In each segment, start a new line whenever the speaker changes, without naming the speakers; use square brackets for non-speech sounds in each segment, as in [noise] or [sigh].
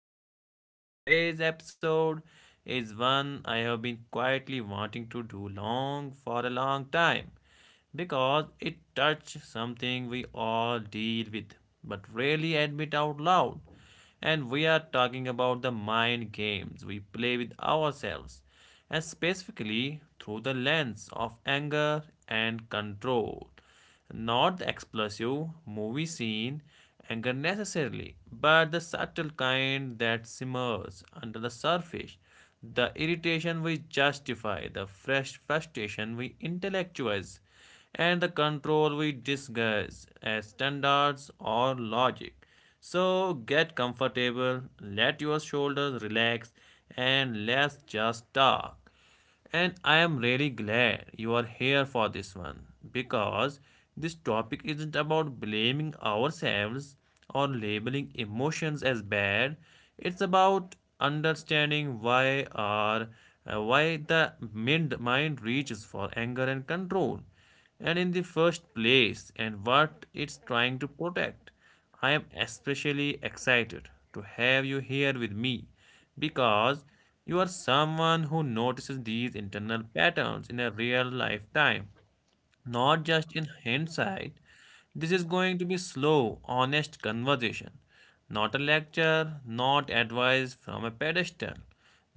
back to the show. Today's episode is one I have been quietly wanting to do long for a long time because it touches something we all deal with but rarely admit out loud. And we are talking about the mind games we play with ourselves and specifically through the lens of anger and control. Not the explosive movie scene anger necessarily, but the subtle kind that simmers under the surface. The irritation we justify, the fresh frustration we intellectualize, and the control we disguise as standards or logic. So get comfortable, let your shoulders relax, and let's just talk. And I am really glad you are here for this one because this topic isn't about blaming ourselves or labeling emotions as bad. It's about understanding why our why the mind reaches for anger and control and in the first place and what it's trying to protect. I am especially excited to have you here with me because you are someone who notices these internal patterns in a real lifetime, not just in hindsight. This is going to be slow, honest conversation, not a lecture, not advice from a pedestal,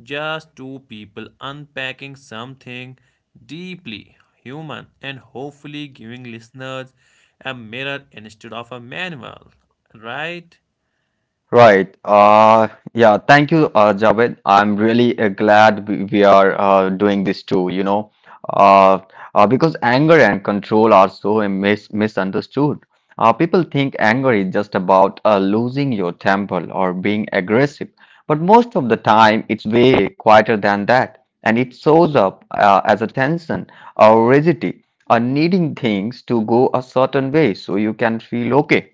just two people unpacking something deeply human and hopefully giving listeners a mirror instead of a manual, right?
Right. Yeah. Thank you, Javed. I'm really glad we are doing this too, uh, because anger and control are so misunderstood. People think anger is just about losing your temper or being aggressive, but most of the time it's way quieter than that, and it shows up as a tension or rigidity, or needing things to go a certain way so you can feel okay.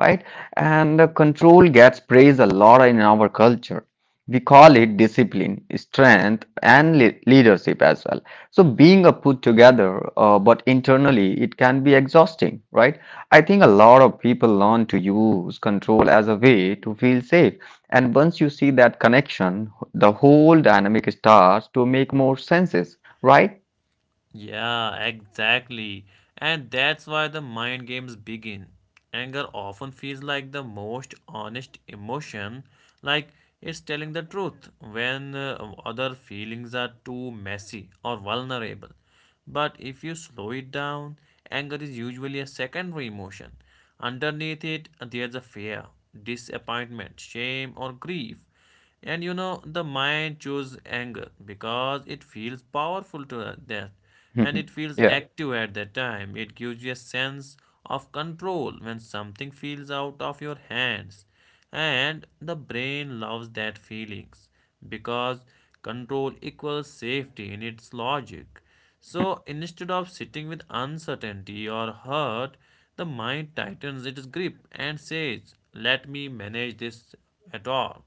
Right? And control gets praised a lot in our culture. We call it discipline, strength, and leadership as well. So being a put together, but internally it can be exhausting, right? I think a lot of people learn to use control as a way to feel safe. And once you see that connection, the whole dynamic starts to make more senses, right?
Yeah, exactly. And that's why the mind games begin. Anger often feels like the most honest emotion, like it's telling the truth when other feelings are too messy or vulnerable. But if you slow it down, anger is usually a secondary emotion. Underneath it, there's a fear, disappointment, shame, or grief. And you know, the mind chooses anger because it feels powerful to that and it feels
[laughs] Yeah.
active at that time. It gives you a sense of control when something feels out of your hands. And the brain loves that feelings because control equals safety in its logic. So instead of sitting with uncertainty or hurt, the mind tightens its grip and says, "Let me manage this at all."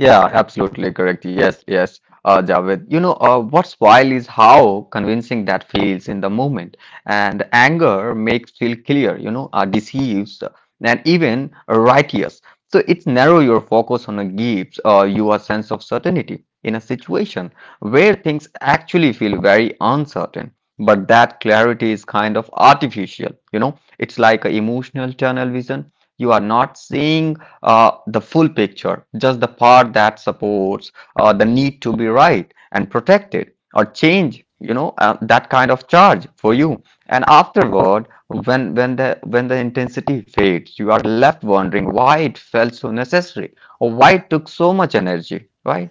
Yeah, absolutely correct. Yes, yes, Javed. You know, what's wild is how convincing that feels in the moment. And anger makes feel clear, you know, deceives and even righteous. So it's narrow your focus on a gives you a sense of certainty in a situation where things actually feel very uncertain. But that clarity is kind of artificial, you know, it's like an emotional tunnel vision. You are not seeing the full picture, just the part that supports the need to be right and protected or change, you know, that kind of charge for you. And afterward, when the intensity fades, you are left wondering why it felt so necessary or why it took so much energy, right?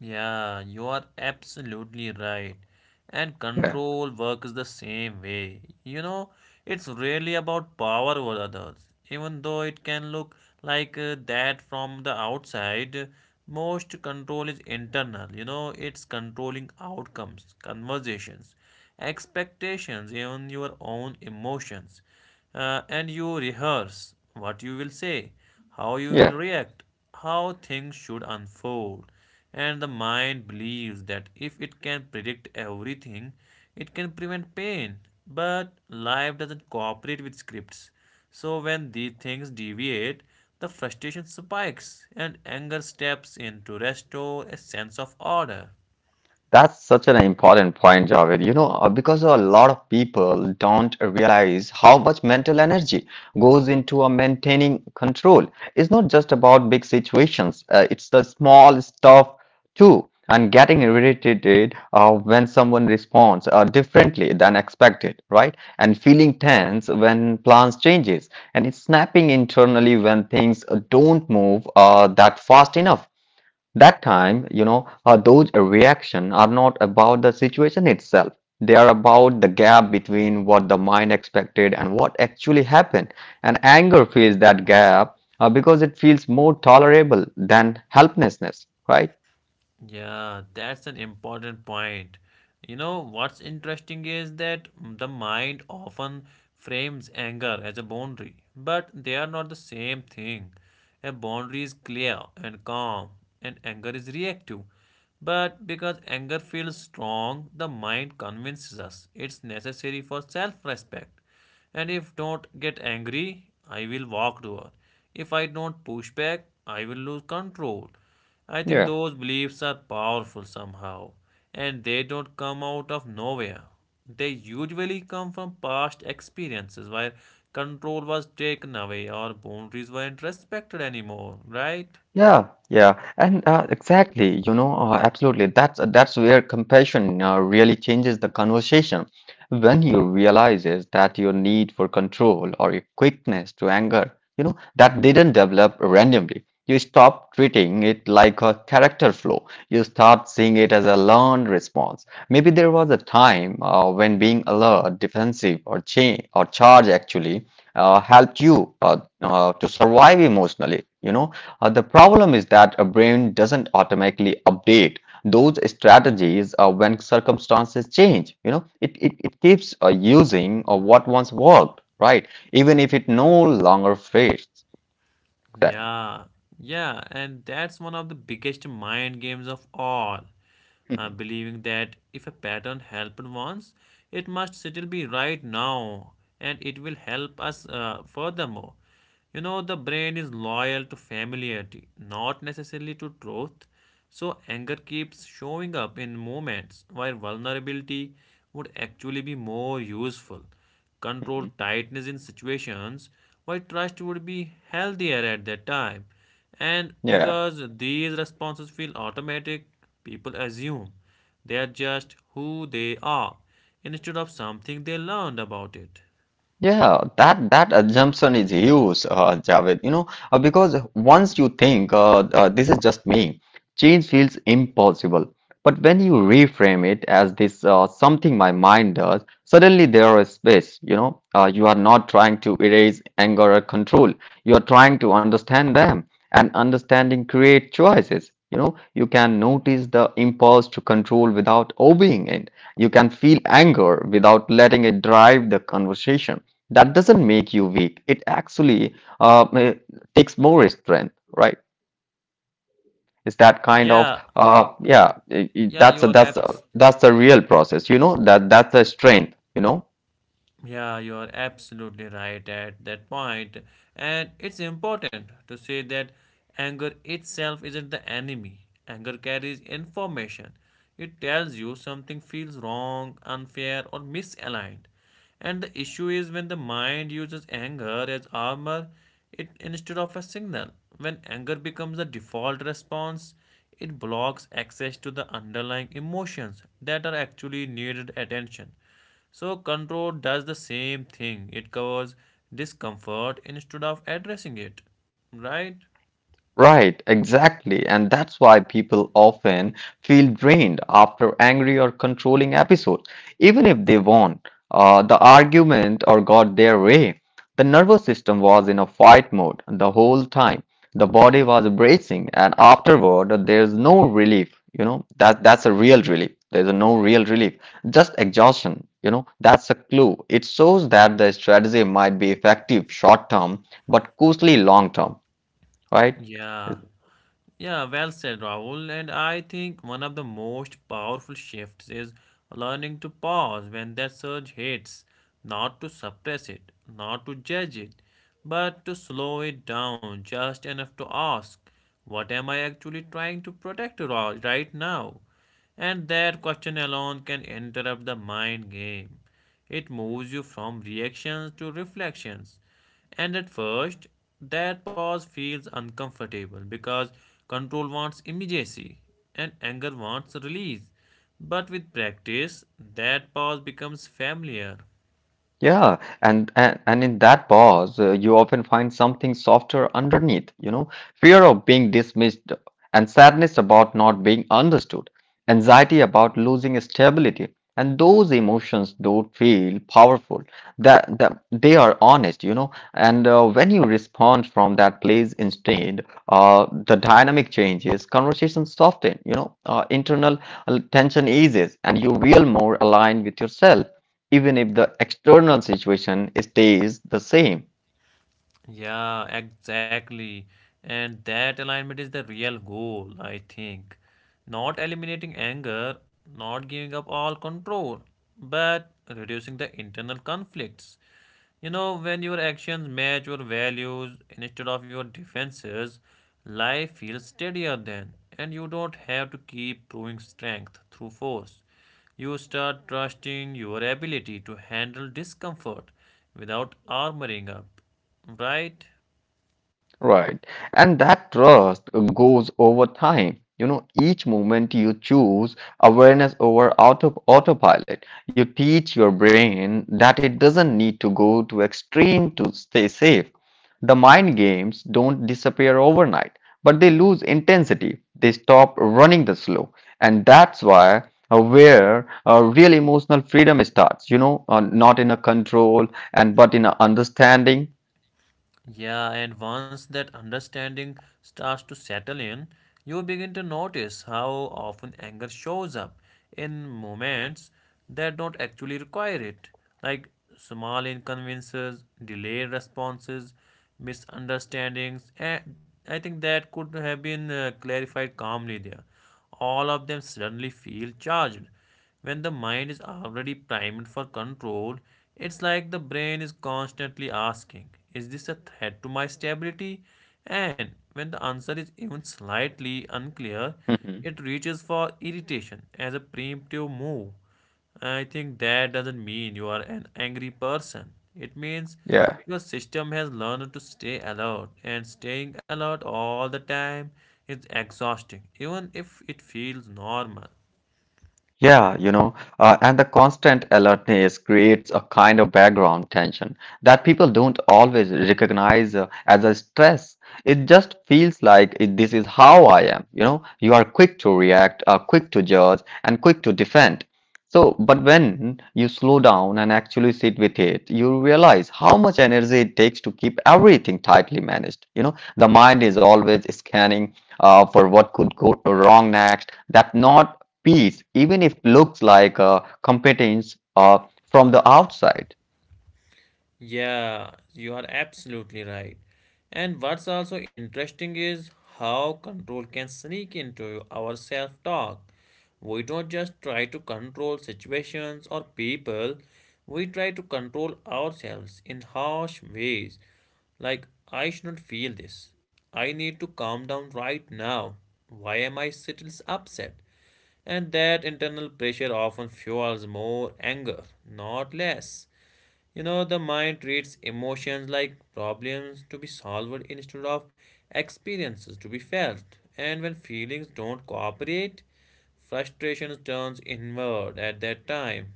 Yeah, you are absolutely right. And
Yeah,
control works the same way. You know, it's really about power over others. Even though it can look like that from the outside, most control is internal. You know, it's controlling outcomes, conversations, expectations, even your own emotions. And you rehearse what you will say, how you
yeah.
will react, how things should unfold and the mind believes that if it can predict everything, it can prevent pain. But life doesn't cooperate with scripts. So when these things deviate, the frustration spikes and anger steps in to restore a sense of order.
That's such an important point, Javed. You know, because a lot of people don't realize how much mental energy goes into a maintaining control. It's not just about big situations, it's the small stuff too. And getting irritated when someone responds differently than expected, right? And feeling tense when plans changes, and it's snapping internally when things don't move that fast enough that time, you know, those reactions are not about the situation itself. They are about the gap between what the mind expected and what actually happened. And anger fills that gap because it feels more tolerable than helplessness, right?
Yeah, that's an important point. You know, what's interesting is that the mind often frames anger as a boundary, but they are not the same thing. A boundary is clear and calm, and anger is reactive. But because anger feels strong, the mind convinces us it's necessary for self respect. And if not get angry, I will walk to her. If I don't push back, I will lose control. I think
Yeah.
those beliefs are powerful somehow, and they don't come out of nowhere. They usually come from past experiences where control was taken away or boundaries weren't respected anymore, right?
Yeah, yeah, and exactly, you know, absolutely. That's where compassion really changes the conversation. When you realizes that your need for control or your quickness to anger, you know, that didn't develop randomly. You stop treating it like a character flaw. You start seeing it as a learned response. Maybe there was a time when being alert, defensive, or change or charge actually helped you to survive emotionally. You know, the problem is that a brain doesn't automatically update those strategies when circumstances change. You know, it keeps using what once worked, right? Even if it no longer fits that.
Yeah, yeah, and that's one of the biggest mind games of all. Believing that if a pattern helped once, it must still be right now, and it will help us furthermore. You know, the brain is loyal to familiarity, not necessarily to truth. So, anger keeps showing up in moments where vulnerability would actually be more useful control tightness in situations where trust would be healthier at that time. And
[laughs] Yeah.
because these responses feel automatic, people assume they are just who they are instead of something they learned about it.
Yeah, that that assumption is huge, Javed. You know, because once you think, this is just me, change feels impossible. But when you reframe it as this, something my mind does, suddenly there is space. You know, you are not trying to erase anger or control. You are trying to understand them, and understanding create choices. You know, you can notice the impulse to control without obeying it. You can feel anger without letting it drive the conversation that doesn't make you weak. It actually uh, ma- takes more strength, right? It's that kind of
Yeah, yeah, you are absolutely.
That's the real process. You know that that's the strength. You know.
Yeah, you are absolutely right at that point. And it's important to say that anger itself isn't the enemy. Anger carries information. It tells you something feels wrong, unfair, or misaligned. And the issue is when the mind uses anger as armor it instead of a signal. When anger becomes a default response, it blocks access to the underlying emotions that are actually needed attention so, control does the same thing. It covers discomfort instead of addressing it. Right?
Right, exactly. And that's why people often feel drained after angry or controlling episodes. Even if they won the argument or got their way, the nervous system was in a fight mode the whole time. The body was bracing, and afterward, there's no relief. You know, that that's a real relief. There's a no real relief, just exhaustion. You know, that's a clue. It shows that the strategy might be effective short term, but costly long term, right?
Yeah. Yeah, well said, Rahul. And I think one of the most powerful shifts is learning to pause when that surge hits, not to suppress it, not to judge it, but to slow it down just enough to ask, "What am I actually trying to protect ro- right now?" And that question alone can interrupt the mind game. It moves you from reactions to reflections, and at first, that pause feels uncomfortable because control wants immediacy and anger wants release. But with practice, that pause becomes familiar.
Yeah, and in that pause, you often find something softer underneath, you know, fear of being dismissed and sadness about not being understood, anxiety about losing stability. And those emotions don't feel powerful. That they are honest, you know. And when you respond from that place instead, the dynamic changes, conversation soften, you know, internal tension eases, and you feel more aligned with yourself even if the external situation stays the same.
Yeah, exactly. And that alignment is the real goal, I think. Not eliminating anger, not giving up all control, but reducing the internal conflicts. You know, when your actions match your values instead of your defenses, life feels steadier then, and you don't have to keep proving strength through force. You start trusting your ability to handle discomfort without armoring up. Right?
Right. And that trust goes over time. You know, each moment you choose awareness over autopilot, you teach your brain that it doesn't need to go to extreme to stay safe. The mind games don't disappear overnight, but they lose intensity. They stop running the slow. And that's why where real emotional freedom starts, you know, not in a control and but in a understanding.
Yeah, and once that understanding starts to settle in, you begin to notice how often anger shows up in moments that don't actually require it, like small inconveniences, delayed responses, misunderstandings, and I think that could have been clarified calmly there. All of them suddenly feel charged When the mind is already primed for control, it's like the brain is constantly asking, "Is this a threat to my stability?" And when the answer is even slightly unclear, it
[laughs]
reaches for irritation as a preemptive move. I think that doesn't mean you are an angry person. It means
Yeah.
your system has learned to stay alert, and staying alert all the time is exhausting, even if it feels normal.
Yeah, you know, and the constant alertness creates a kind of background tension that people don't always recognize as a stress. It just feels like it, this is how I am. You know, you are quick to react, quick to judge, and quick to defend. So, but when you slow down and actually sit with it, you realize how much energy it takes to keep everything tightly managed. You know, the mind is always scanning for what could go wrong next. That not peace, even if it looks like competence from the outside.
Yeah, you are absolutely right. And what's also interesting is how control can sneak into our self talk. We don't just try to control situations or people, we try to control ourselves in harsh ways. Like, I shouldn't feel this. I need to calm down right now. Why am I still upset? And that internal pressure often fuels more anger, not less. You know, the mind treats emotions like problems to be solved instead of experiences to be felt. And when feelings don't cooperate, frustration turns inward at that time.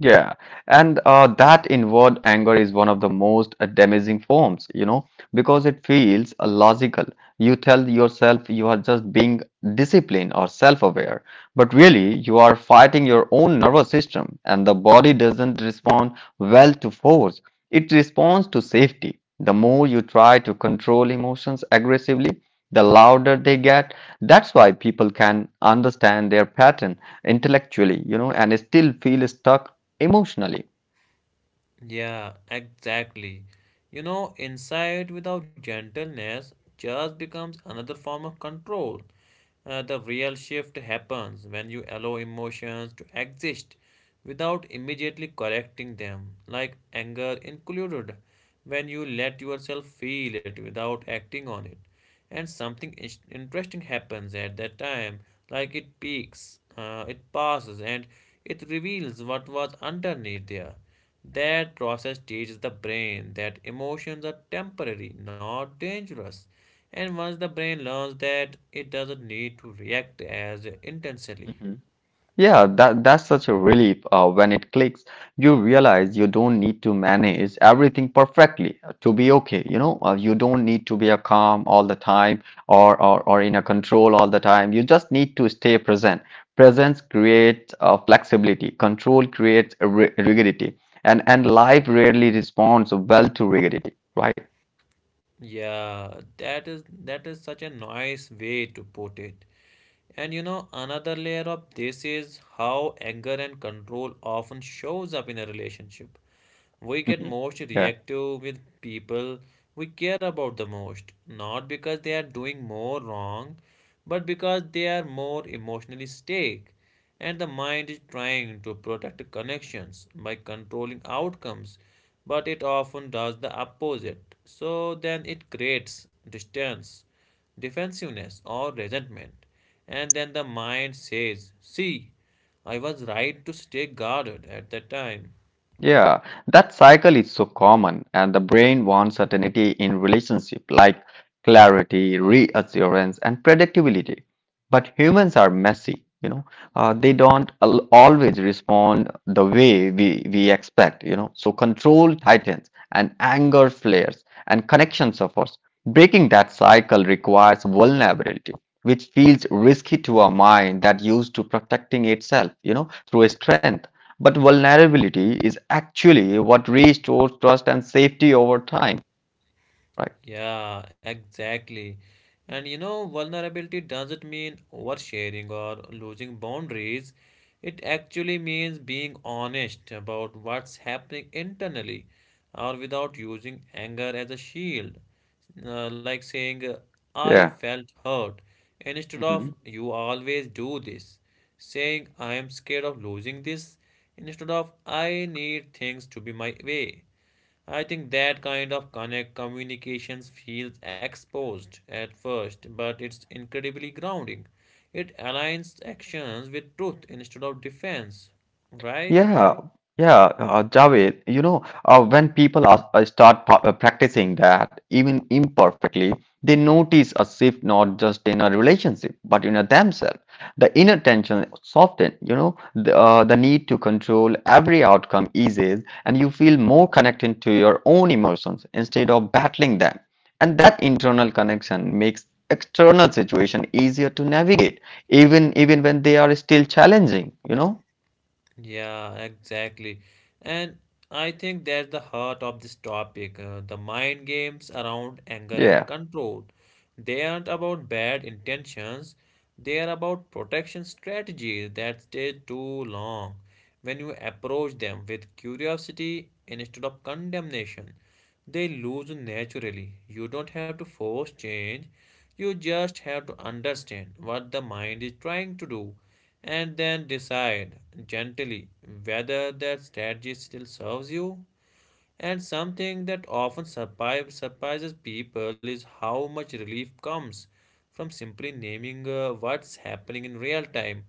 Yeah, and that inward anger is one of the most damaging forms, you know, because it feels logical. You tell yourself you are just being disciplined or self-aware, but really you are fighting your own nervous system, and the body doesn't respond well to force. It responds to safety. The more you try to control emotions aggressively, the louder they get. That's why people can understand their pattern intellectually, you know, and still feel stuck emotionally.
Yeah, exactly. You know, insight without gentleness just becomes another form of control. The real shift happens when you allow emotions to exist without immediately correcting them, like anger included, when you let yourself feel it without acting on it. And interesting happens at that time, like it peaks, it passes, and it reveals what was underneath there that process teaches the brain that emotions are temporary, not dangerous. And once the brain learns that, it doesn't need to react as intensely.
Mhm. Yeah, that that's such a relief when it clicks. You realize you don't need to manage everything perfectly to be okay. You know, you don't need to be a calm all the time or in a control all the time. You just need to stay present. Presence creates flexibility. Control creates rigidity, and life rarely responds well to rigidity, right?
Yeah, that is such a nice way to put it. And you know, another layer of this is how anger and control often shows up in a relationship. We get
Mhm.
most
Yeah.
reactive with people we care about the most, not because they are doing more wrong, but because they are more emotionally stake. And the mind is trying to protect connections by controlling outcomes, but it often does the opposite. So then it creates distance, defensiveness, or resentment. And then the mind says, "See, I was right to stay guarded at that time."
Yeah, that cycle is so common, and the brain wants certainty in relationship like clarity, reassurance, and predictability. But humans are messy, you know. They don't al always respond the way we expect, you know. So control tightens, and anger flares, and connection suffers. Breaking that cycle requires vulnerability, which feels risky to a mind that used to protecting itself, you know, through strength. But vulnerability is actually what restores trust and safety over time, right?
Yeah, exactly. And you know, vulnerability doesn't mean oversharing or losing boundaries. It actually means being honest about what's happening internally or without using anger as a shield. Like saying, "I
Yeah.
felt hurt," instead
Mhm.
of "you always do this." Saying, "I am scared of losing this," instead of "I need things to be my way." I think that kind of connect communications feels exposed at first, but it's incredibly grounding. It aligns actions with truth instead of defense, right?
Yeah, yeah, Javed, you know, when people are, start practicing that, even imperfectly, they notice a shift not just in a relationship, but in a themselves. The inner tension softens, you know, the need to control every outcome eases, and you feel more connected to your own emotions instead of battling them. And that internal connection makes external situation easier to navigate, even when they are still challenging, you know?
Yeah, exactly. And I think that's the heart of this topic, the mind games around anger and
Yeah.
control. They aren't about bad intentions, they are about protection strategies that stay too long when you approach them with curiosity instead of condemnation. They lose naturally. You don't have to force change. You just have to understand what the mind is trying to do and then decide gently whether that strategy still serves you and something that often surprises people is how much relief comes from simply naming what's happening in real time.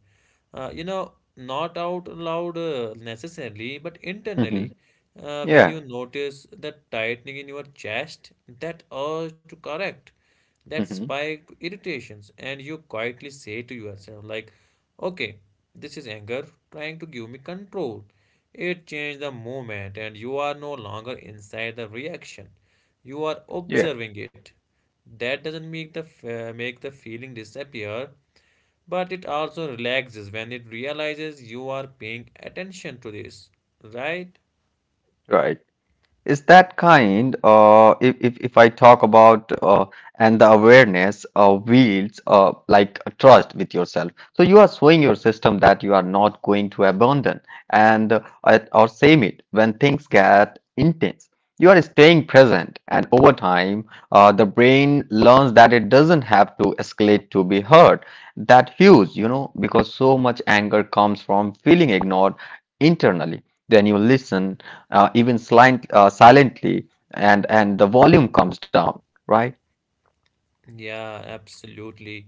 You know, not out loud necessarily, but internally.
[laughs]
When
Yeah.
you notice that tightening in your chest, that urge to correct, that
Hmm.
spike to irritations, and you quietly say to yourself, like, "Okay, this is anger trying to give me control." It changed the moment, and you are no longer inside the reaction. You are
Yeah.
observing it. That doesn't make the make the feeling disappear, but it also relaxes when it realizes you are paying attention to this, right?
Right. Is that kind, if I talk about, and the awareness wields like a trust with yourself, so you are showing your system that you are not going to abandon and or same it when things get intense. You are staying present, and over time the brain learns that it doesn't have to escalate to be heard. That huge, you know, because so much anger comes from feeling ignored internally. Then you listen, even silently, and the volume comes down, right?
Yeah, absolutely.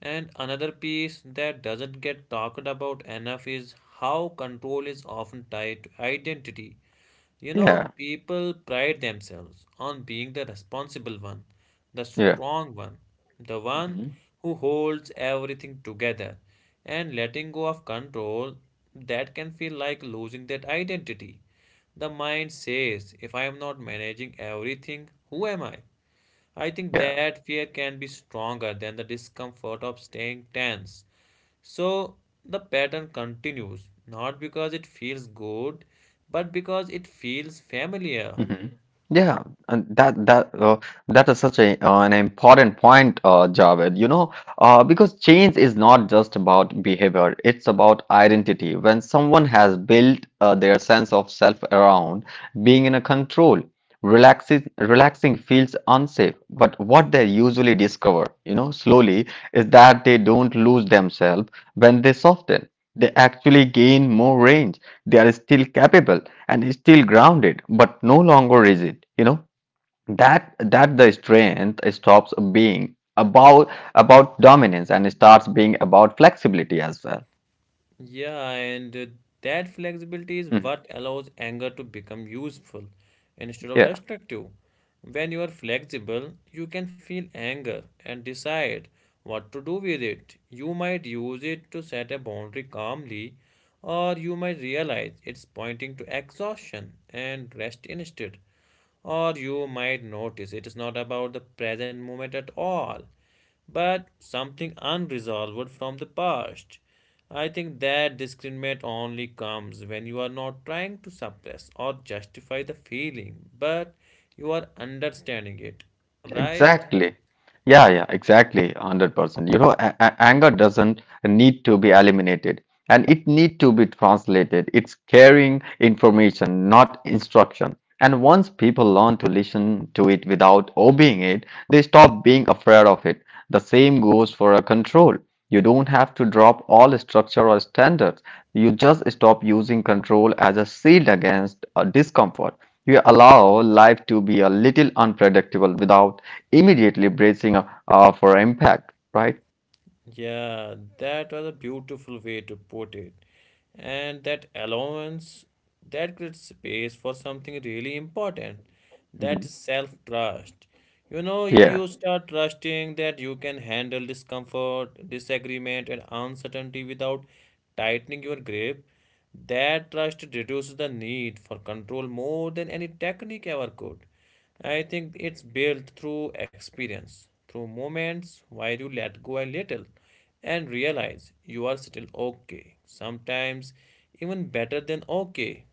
And another piece that doesn't get talked about enough is how control is often tied to identity. You know,
Yeah,
people pride themselves on being the responsible one, the
yeah,
strong one, the one
hmm,
who holds everything together. And letting go of control, that can feel like losing that identity. The mind says, if I am not managing everything, who am I? I think
yeah.
that fear can be stronger than the discomfort of staying tense. So the pattern continues, not because it feels good, but because it feels familiar.
Hmm. Yeah, and that is such a, an important point, Javed. You know, because change is not just about behavior; it's about identity. When someone has built their sense of self around being in a control, relaxing relaxing feels unsafe. But what they usually discover, you know, slowly, is that they don't lose themselves when they soften. They actually gain more range. They are still capable and still grounded, but no longer rigid. You know that that the strength stops being about dominance and starts being about flexibility as well.
Yeah, and that flexibility is what
Mhm.
allows anger to become useful instead of
Yeah.
destructive. When you are flexible, you can feel anger and decide what to do with it. You might use it to set a boundary calmly, or you might realize it's pointing to exhaustion and rest instead. Or you might notice it is not about the present moment at all but something unresolved from the past. I think that discriminate only comes when you are not trying to suppress or justify the feeling, but you are understanding it, right?
Exactly. Yeah, exactly. 100%. You know, anger doesn't need to be eliminated and it need to be translated. It's carrying information, not instruction. And once people learn to listen to it without obeying it, they stop being afraid of it. The same goes for a control. You don't have to drop all structure or standards. You just stop using control as a shield against discomfort. You allow life to be a little unpredictable without immediately bracing for impact, right?
Yeah, that was a beautiful way to put it. And that allowance, that creates space for something really important,
Mhm.
that is self trust. You know, you
Yeah,
start trusting that you can handle discomfort, disagreement, and uncertainty without tightening your grip. That trust reduces the need for control more than any technique ever could. I think it's built through experience, through moments where you let go a little and realize you are still okay. Sometimes even better than okay.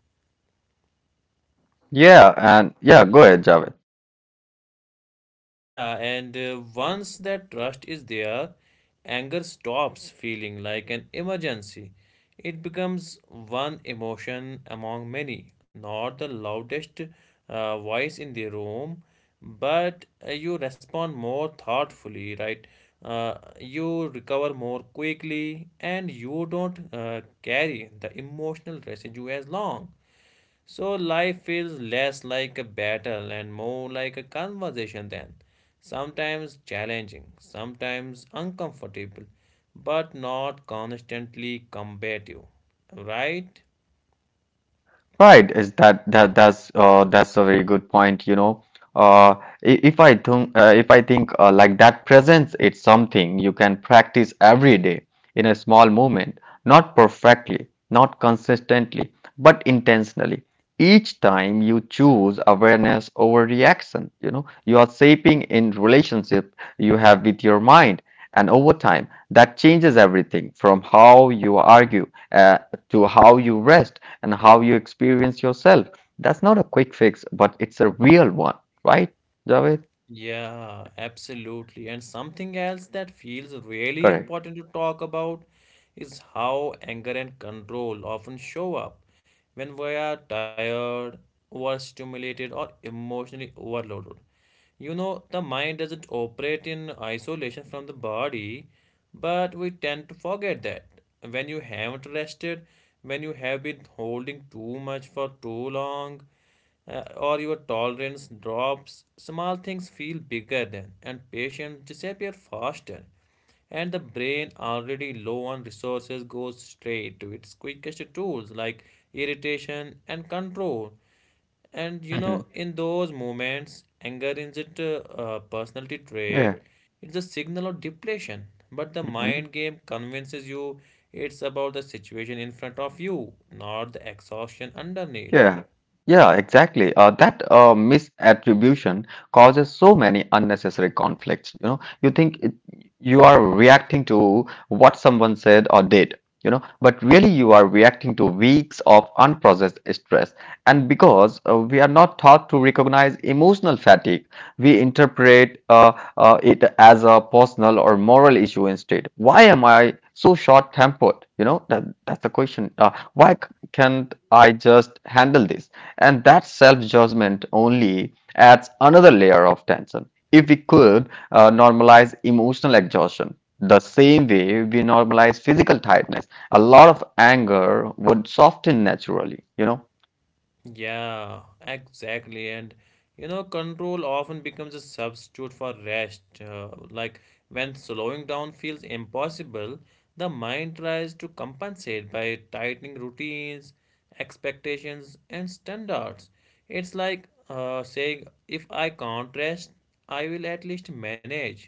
yeah, and yeah, go ahead, Javed.
Yeah, and once that trust is there, anger stops feeling like an emergency. It becomes one emotion among many, not the loudest voice in the room, but you respond more thoughtfully, right? You recover more quickly, and you don't carry the emotional residue as long. So life feels less like a battle and more like a conversation then. Sometimes challenging, sometimes uncomfortable, but not constantly combative. Right?
Right, is that that's a very good point, you know. Uh I- if I think like that presence, it's something you can practice every day in a small moment, not perfectly, not consistently, but intentionally. Each time you choose awareness over reaction, you know, you are shaping in relationship you have with your mind, and over time that changes everything from how you argue uh, to how you rest and how you experience yourself. That's not a quick fix, but it's a real one, right, Javed?
Yeah, absolutely. And something else that feels really
Correct.
important to talk about is how anger and control often show up when we are tired, overstimulated, or emotionally overloaded. You know, the mind doesn't operate in isolation from the body, but we tend to forget that. When you haven't rested, when you have been holding too much for too long, or your tolerance drops, small things feel bigger then, and patience disappear faster. And the brain, already low on resources, goes straight to its quickest tools like irritation and control. And you know,
Hmm.
in those moments, anger isn't a personality
Yeah.
trait, it's a signal of depletion. But the mind
Mhm.
game convinces you it's about the situation in front of you, not the exhaustion underneath.
Yeah, yeah, exactly. That misattribution causes so many unnecessary conflicts. You know, you think it, you are reacting to what someone said or did, you know, but really you are reacting to weeks of unprocessed stress. And because we are not taught to recognize emotional fatigue, we interpret it as a personal or moral issue instead. Why am I so short-tempered? You know, that's the question. Why can't I just handle this? And that self judgment only adds another layer of tension. If we could normalize emotional exhaustion the same way we normalize physical tiredness, a lot of anger would soften naturally, you know?
Yeah, exactly. And you know, control often becomes a substitute for rest. Like when slowing down feels impossible, the mind tries to compensate by tightening routines, expectations, and standards. It's like saying, if I can't rest, I will at least manage.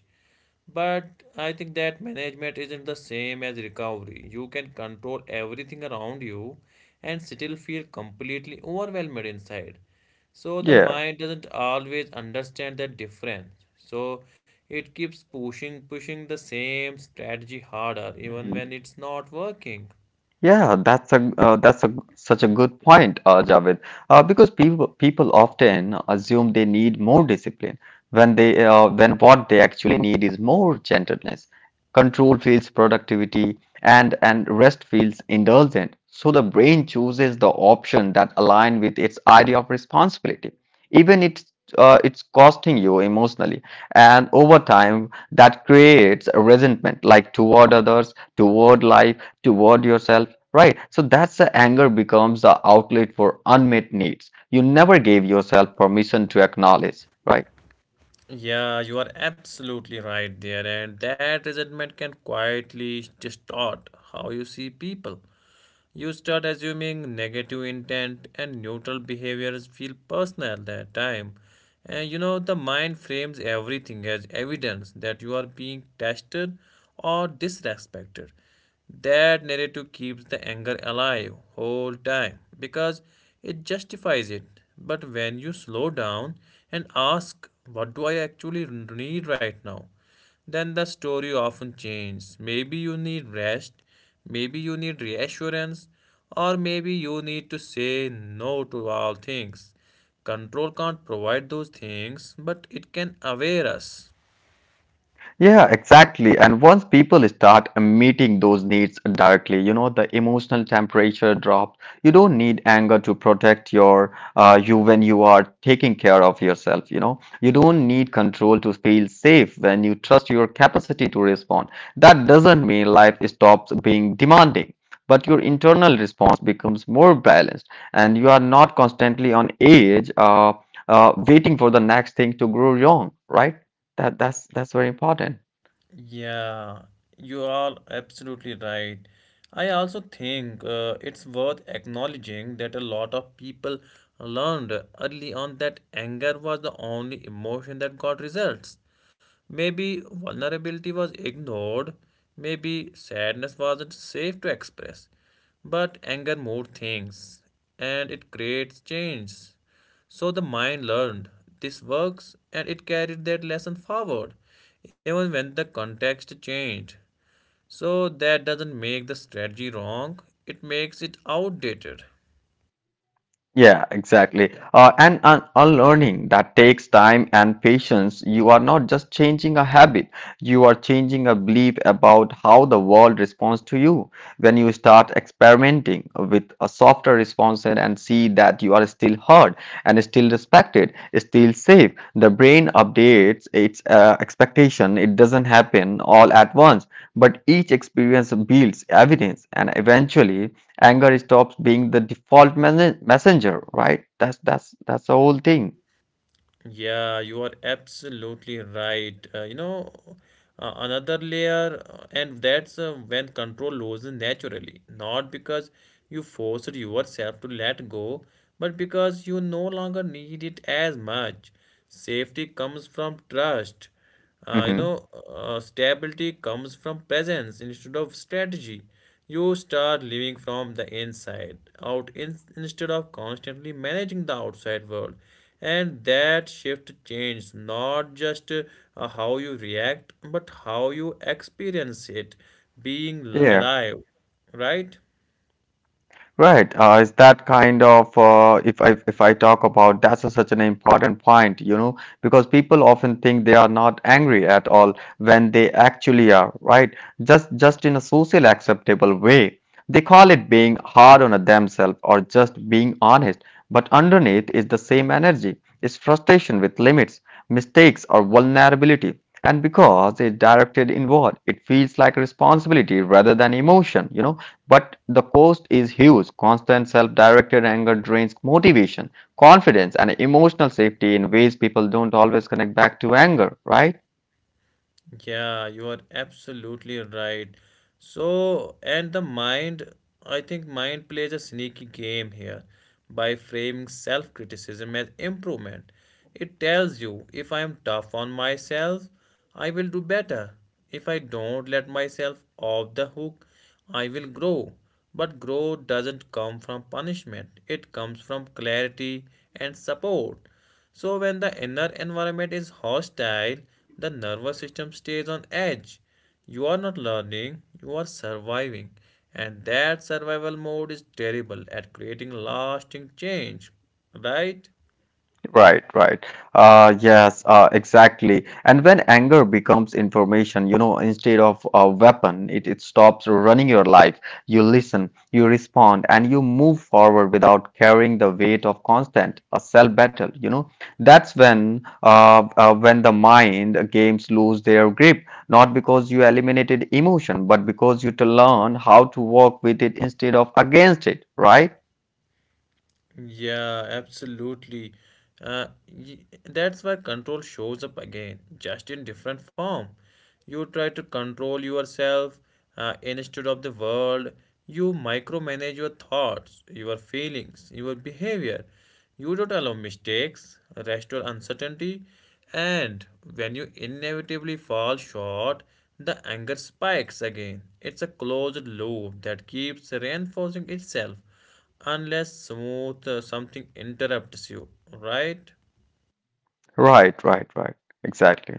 But I think that management isn't the same as recovery. You can control everything around you and still feel completely overwhelmed inside. So the
Yeah.
mind doesn't always understand that difference. So it keeps pushing, pushing the same strategy harder, even when it's not working.
Yeah, that's a such a good point, Javed. Because people often assume they need more discipline when they when what they actually need is more gentleness. Control feels productivity, and rest feels indulgent. So the brain chooses the option that align with its idea of responsibility, even it's costing you emotionally. And over time, that creates a resentment, like toward others, toward life, toward yourself. Right. So that's the anger becomes the outlet for unmet needs you never gave yourself permission to acknowledge. Right.
Yeah, you are absolutely right there, and that resentment can quietly distort how you see people. You start assuming negative intent and neutral behaviors feel personal at that time. And you know, the mind frames everything as evidence that you are being tested or disrespected. That narrative keeps the anger alive whole time because it justifies it. But when you slow down and ask, what do I actually need right now? Then the story often changes. Maybe you need rest, maybe you need reassurance, or maybe you need to say no to all things. Control can't provide those things, but it can aware us.
Yeah, exactly. And once people start meeting those needs directly, you know, the emotional temperature drops. You don't need anger to protect your you when you are taking care of yourself, you know. You don't need control to feel safe when you trust your capacity to respond. That doesn't mean life stops being demanding, but your internal response becomes more balanced and you are not constantly on edge waiting for the next thing to grow wrong, right? That's very important.
Yeah, you are absolutely right. I also think it's worth acknowledging that a lot of people learned early on that anger was the only emotion that got results. Maybe vulnerability was ignored, maybe sadness wasn't safe to express. But anger moved things and it creates change. So the mind learned this works and it carried that lesson forward, even when the context changed. So that doesn't make the strategy wrong, it makes it outdated.
Yeah, exactly. And un unlearning that takes time and patience. You are not just changing a habit, you are changing a belief about how the world responds to you. When you start experimenting with a softer response and see that you are still heard and still respected, still safe, the brain updates its expectation. It doesn't happen all at once, but each experience builds evidence, and eventually anger stops being the default messenger, right? That's the whole thing.
Yeah, you are absolutely right. You know, another layer, and that's when control loses naturally, not because you forced yourself to let go, but because you no longer need it as much. Safety comes from trust. Uh, you
Hmm.
know, Stability comes from presence instead of strategy. You start living from the inside instead of constantly managing the outside world. And that shift changes not just how you react, but how you experience it being
Yeah.
alive, right?
Right. Is that kind of if I talk about that's a, such an important point, you know, because people often think they are not angry at all when they actually are, right? Just in a social acceptable way. They call it being hard on themselves or just being honest, but underneath is the same energy. It's frustration with limits, mistakes, or vulnerability. And because it's directed inward, it feels like responsibility rather than emotion, you know. But the cost is huge. Constant self directed anger drains motivation, confidence, and emotional safety in ways people don't always connect back to anger, right?
Yeah, you are absolutely right. So, and the mind, I think mind plays a sneaky game here by framing self-criticism as improvement. It tells you if I am tough on myself, I will do better. If I don't let myself off the hook, I will grow. But growth doesn't come from punishment, it comes from clarity and support. So, when the inner environment is hostile, the nervous system stays on edge. You are not learning, you are surviving. And that survival mode is terrible at creating lasting change, right?
Right, right. Yes, exactly. And when anger becomes information, you know, instead of a weapon, it stops running your life. You listen, you respond, and you move forward without carrying the weight of constant a self battle. You know, that's when the mind games lose their grip, not because you eliminated emotion, but because you to learn how to work with it instead of against it. Right,
Yeah, absolutely. Uh, y- that's where control shows up again, just in different form. You try to control yourself instead of the world. You micromanage your thoughts, your feelings, your behavior. You don't allow mistakes, rest or uncertainty, and when you inevitably fall short, the anger spikes again. It's a closed loop that keeps reinforcing itself unless smooth something interrupts you, right?
right. Exactly.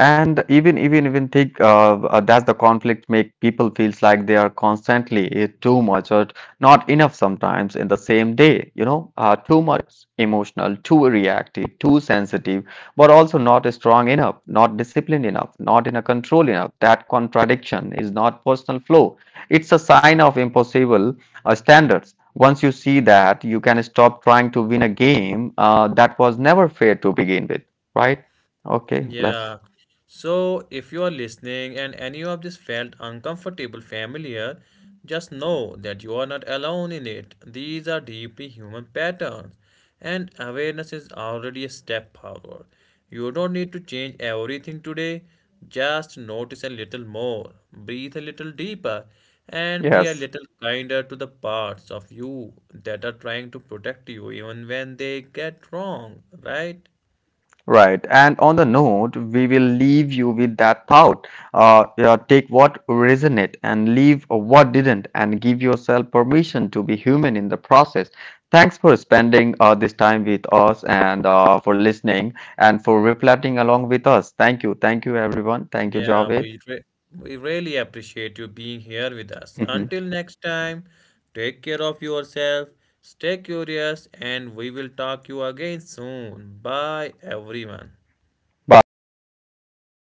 And even think that the conflict make people feels like they are constantly too much or not enough sometimes in the same day, you know, too much emotional, too reactive, too sensitive, but also not strong enough, not disciplined enough, not in a control enough. That contradiction is not personal flow. It's a sign of impossible standards. Once you see that, you can stop trying to win a game that was never fair to begin with, right? Okay, let's
Yeah. So if you are listening and any of this felt uncomfortable, familiar, just know that you are not alone in it. These are deeply human patterns, and awareness is already a step forward. You don't need to change everything today, just notice a little more, breathe a little deeper, and be a
Yes,
little kinder to the parts of you that are trying to protect you even when they get wrong, right?
right. And on the note, we will leave you with that thought. Yeah, take what resonate and leave what didn't, and give yourself permission to be human in the process. Thanks for spending this time with us and for listening and for reflecting along with us. Thank you. Thank you, everyone. Thank you,
Yeah,
Javed.
we really appreciate you being here with us.
Mhm.
Until next time, take care of yourself, stay curious, and we will talk you again soon. Bye, everyone.
Bye, everyone.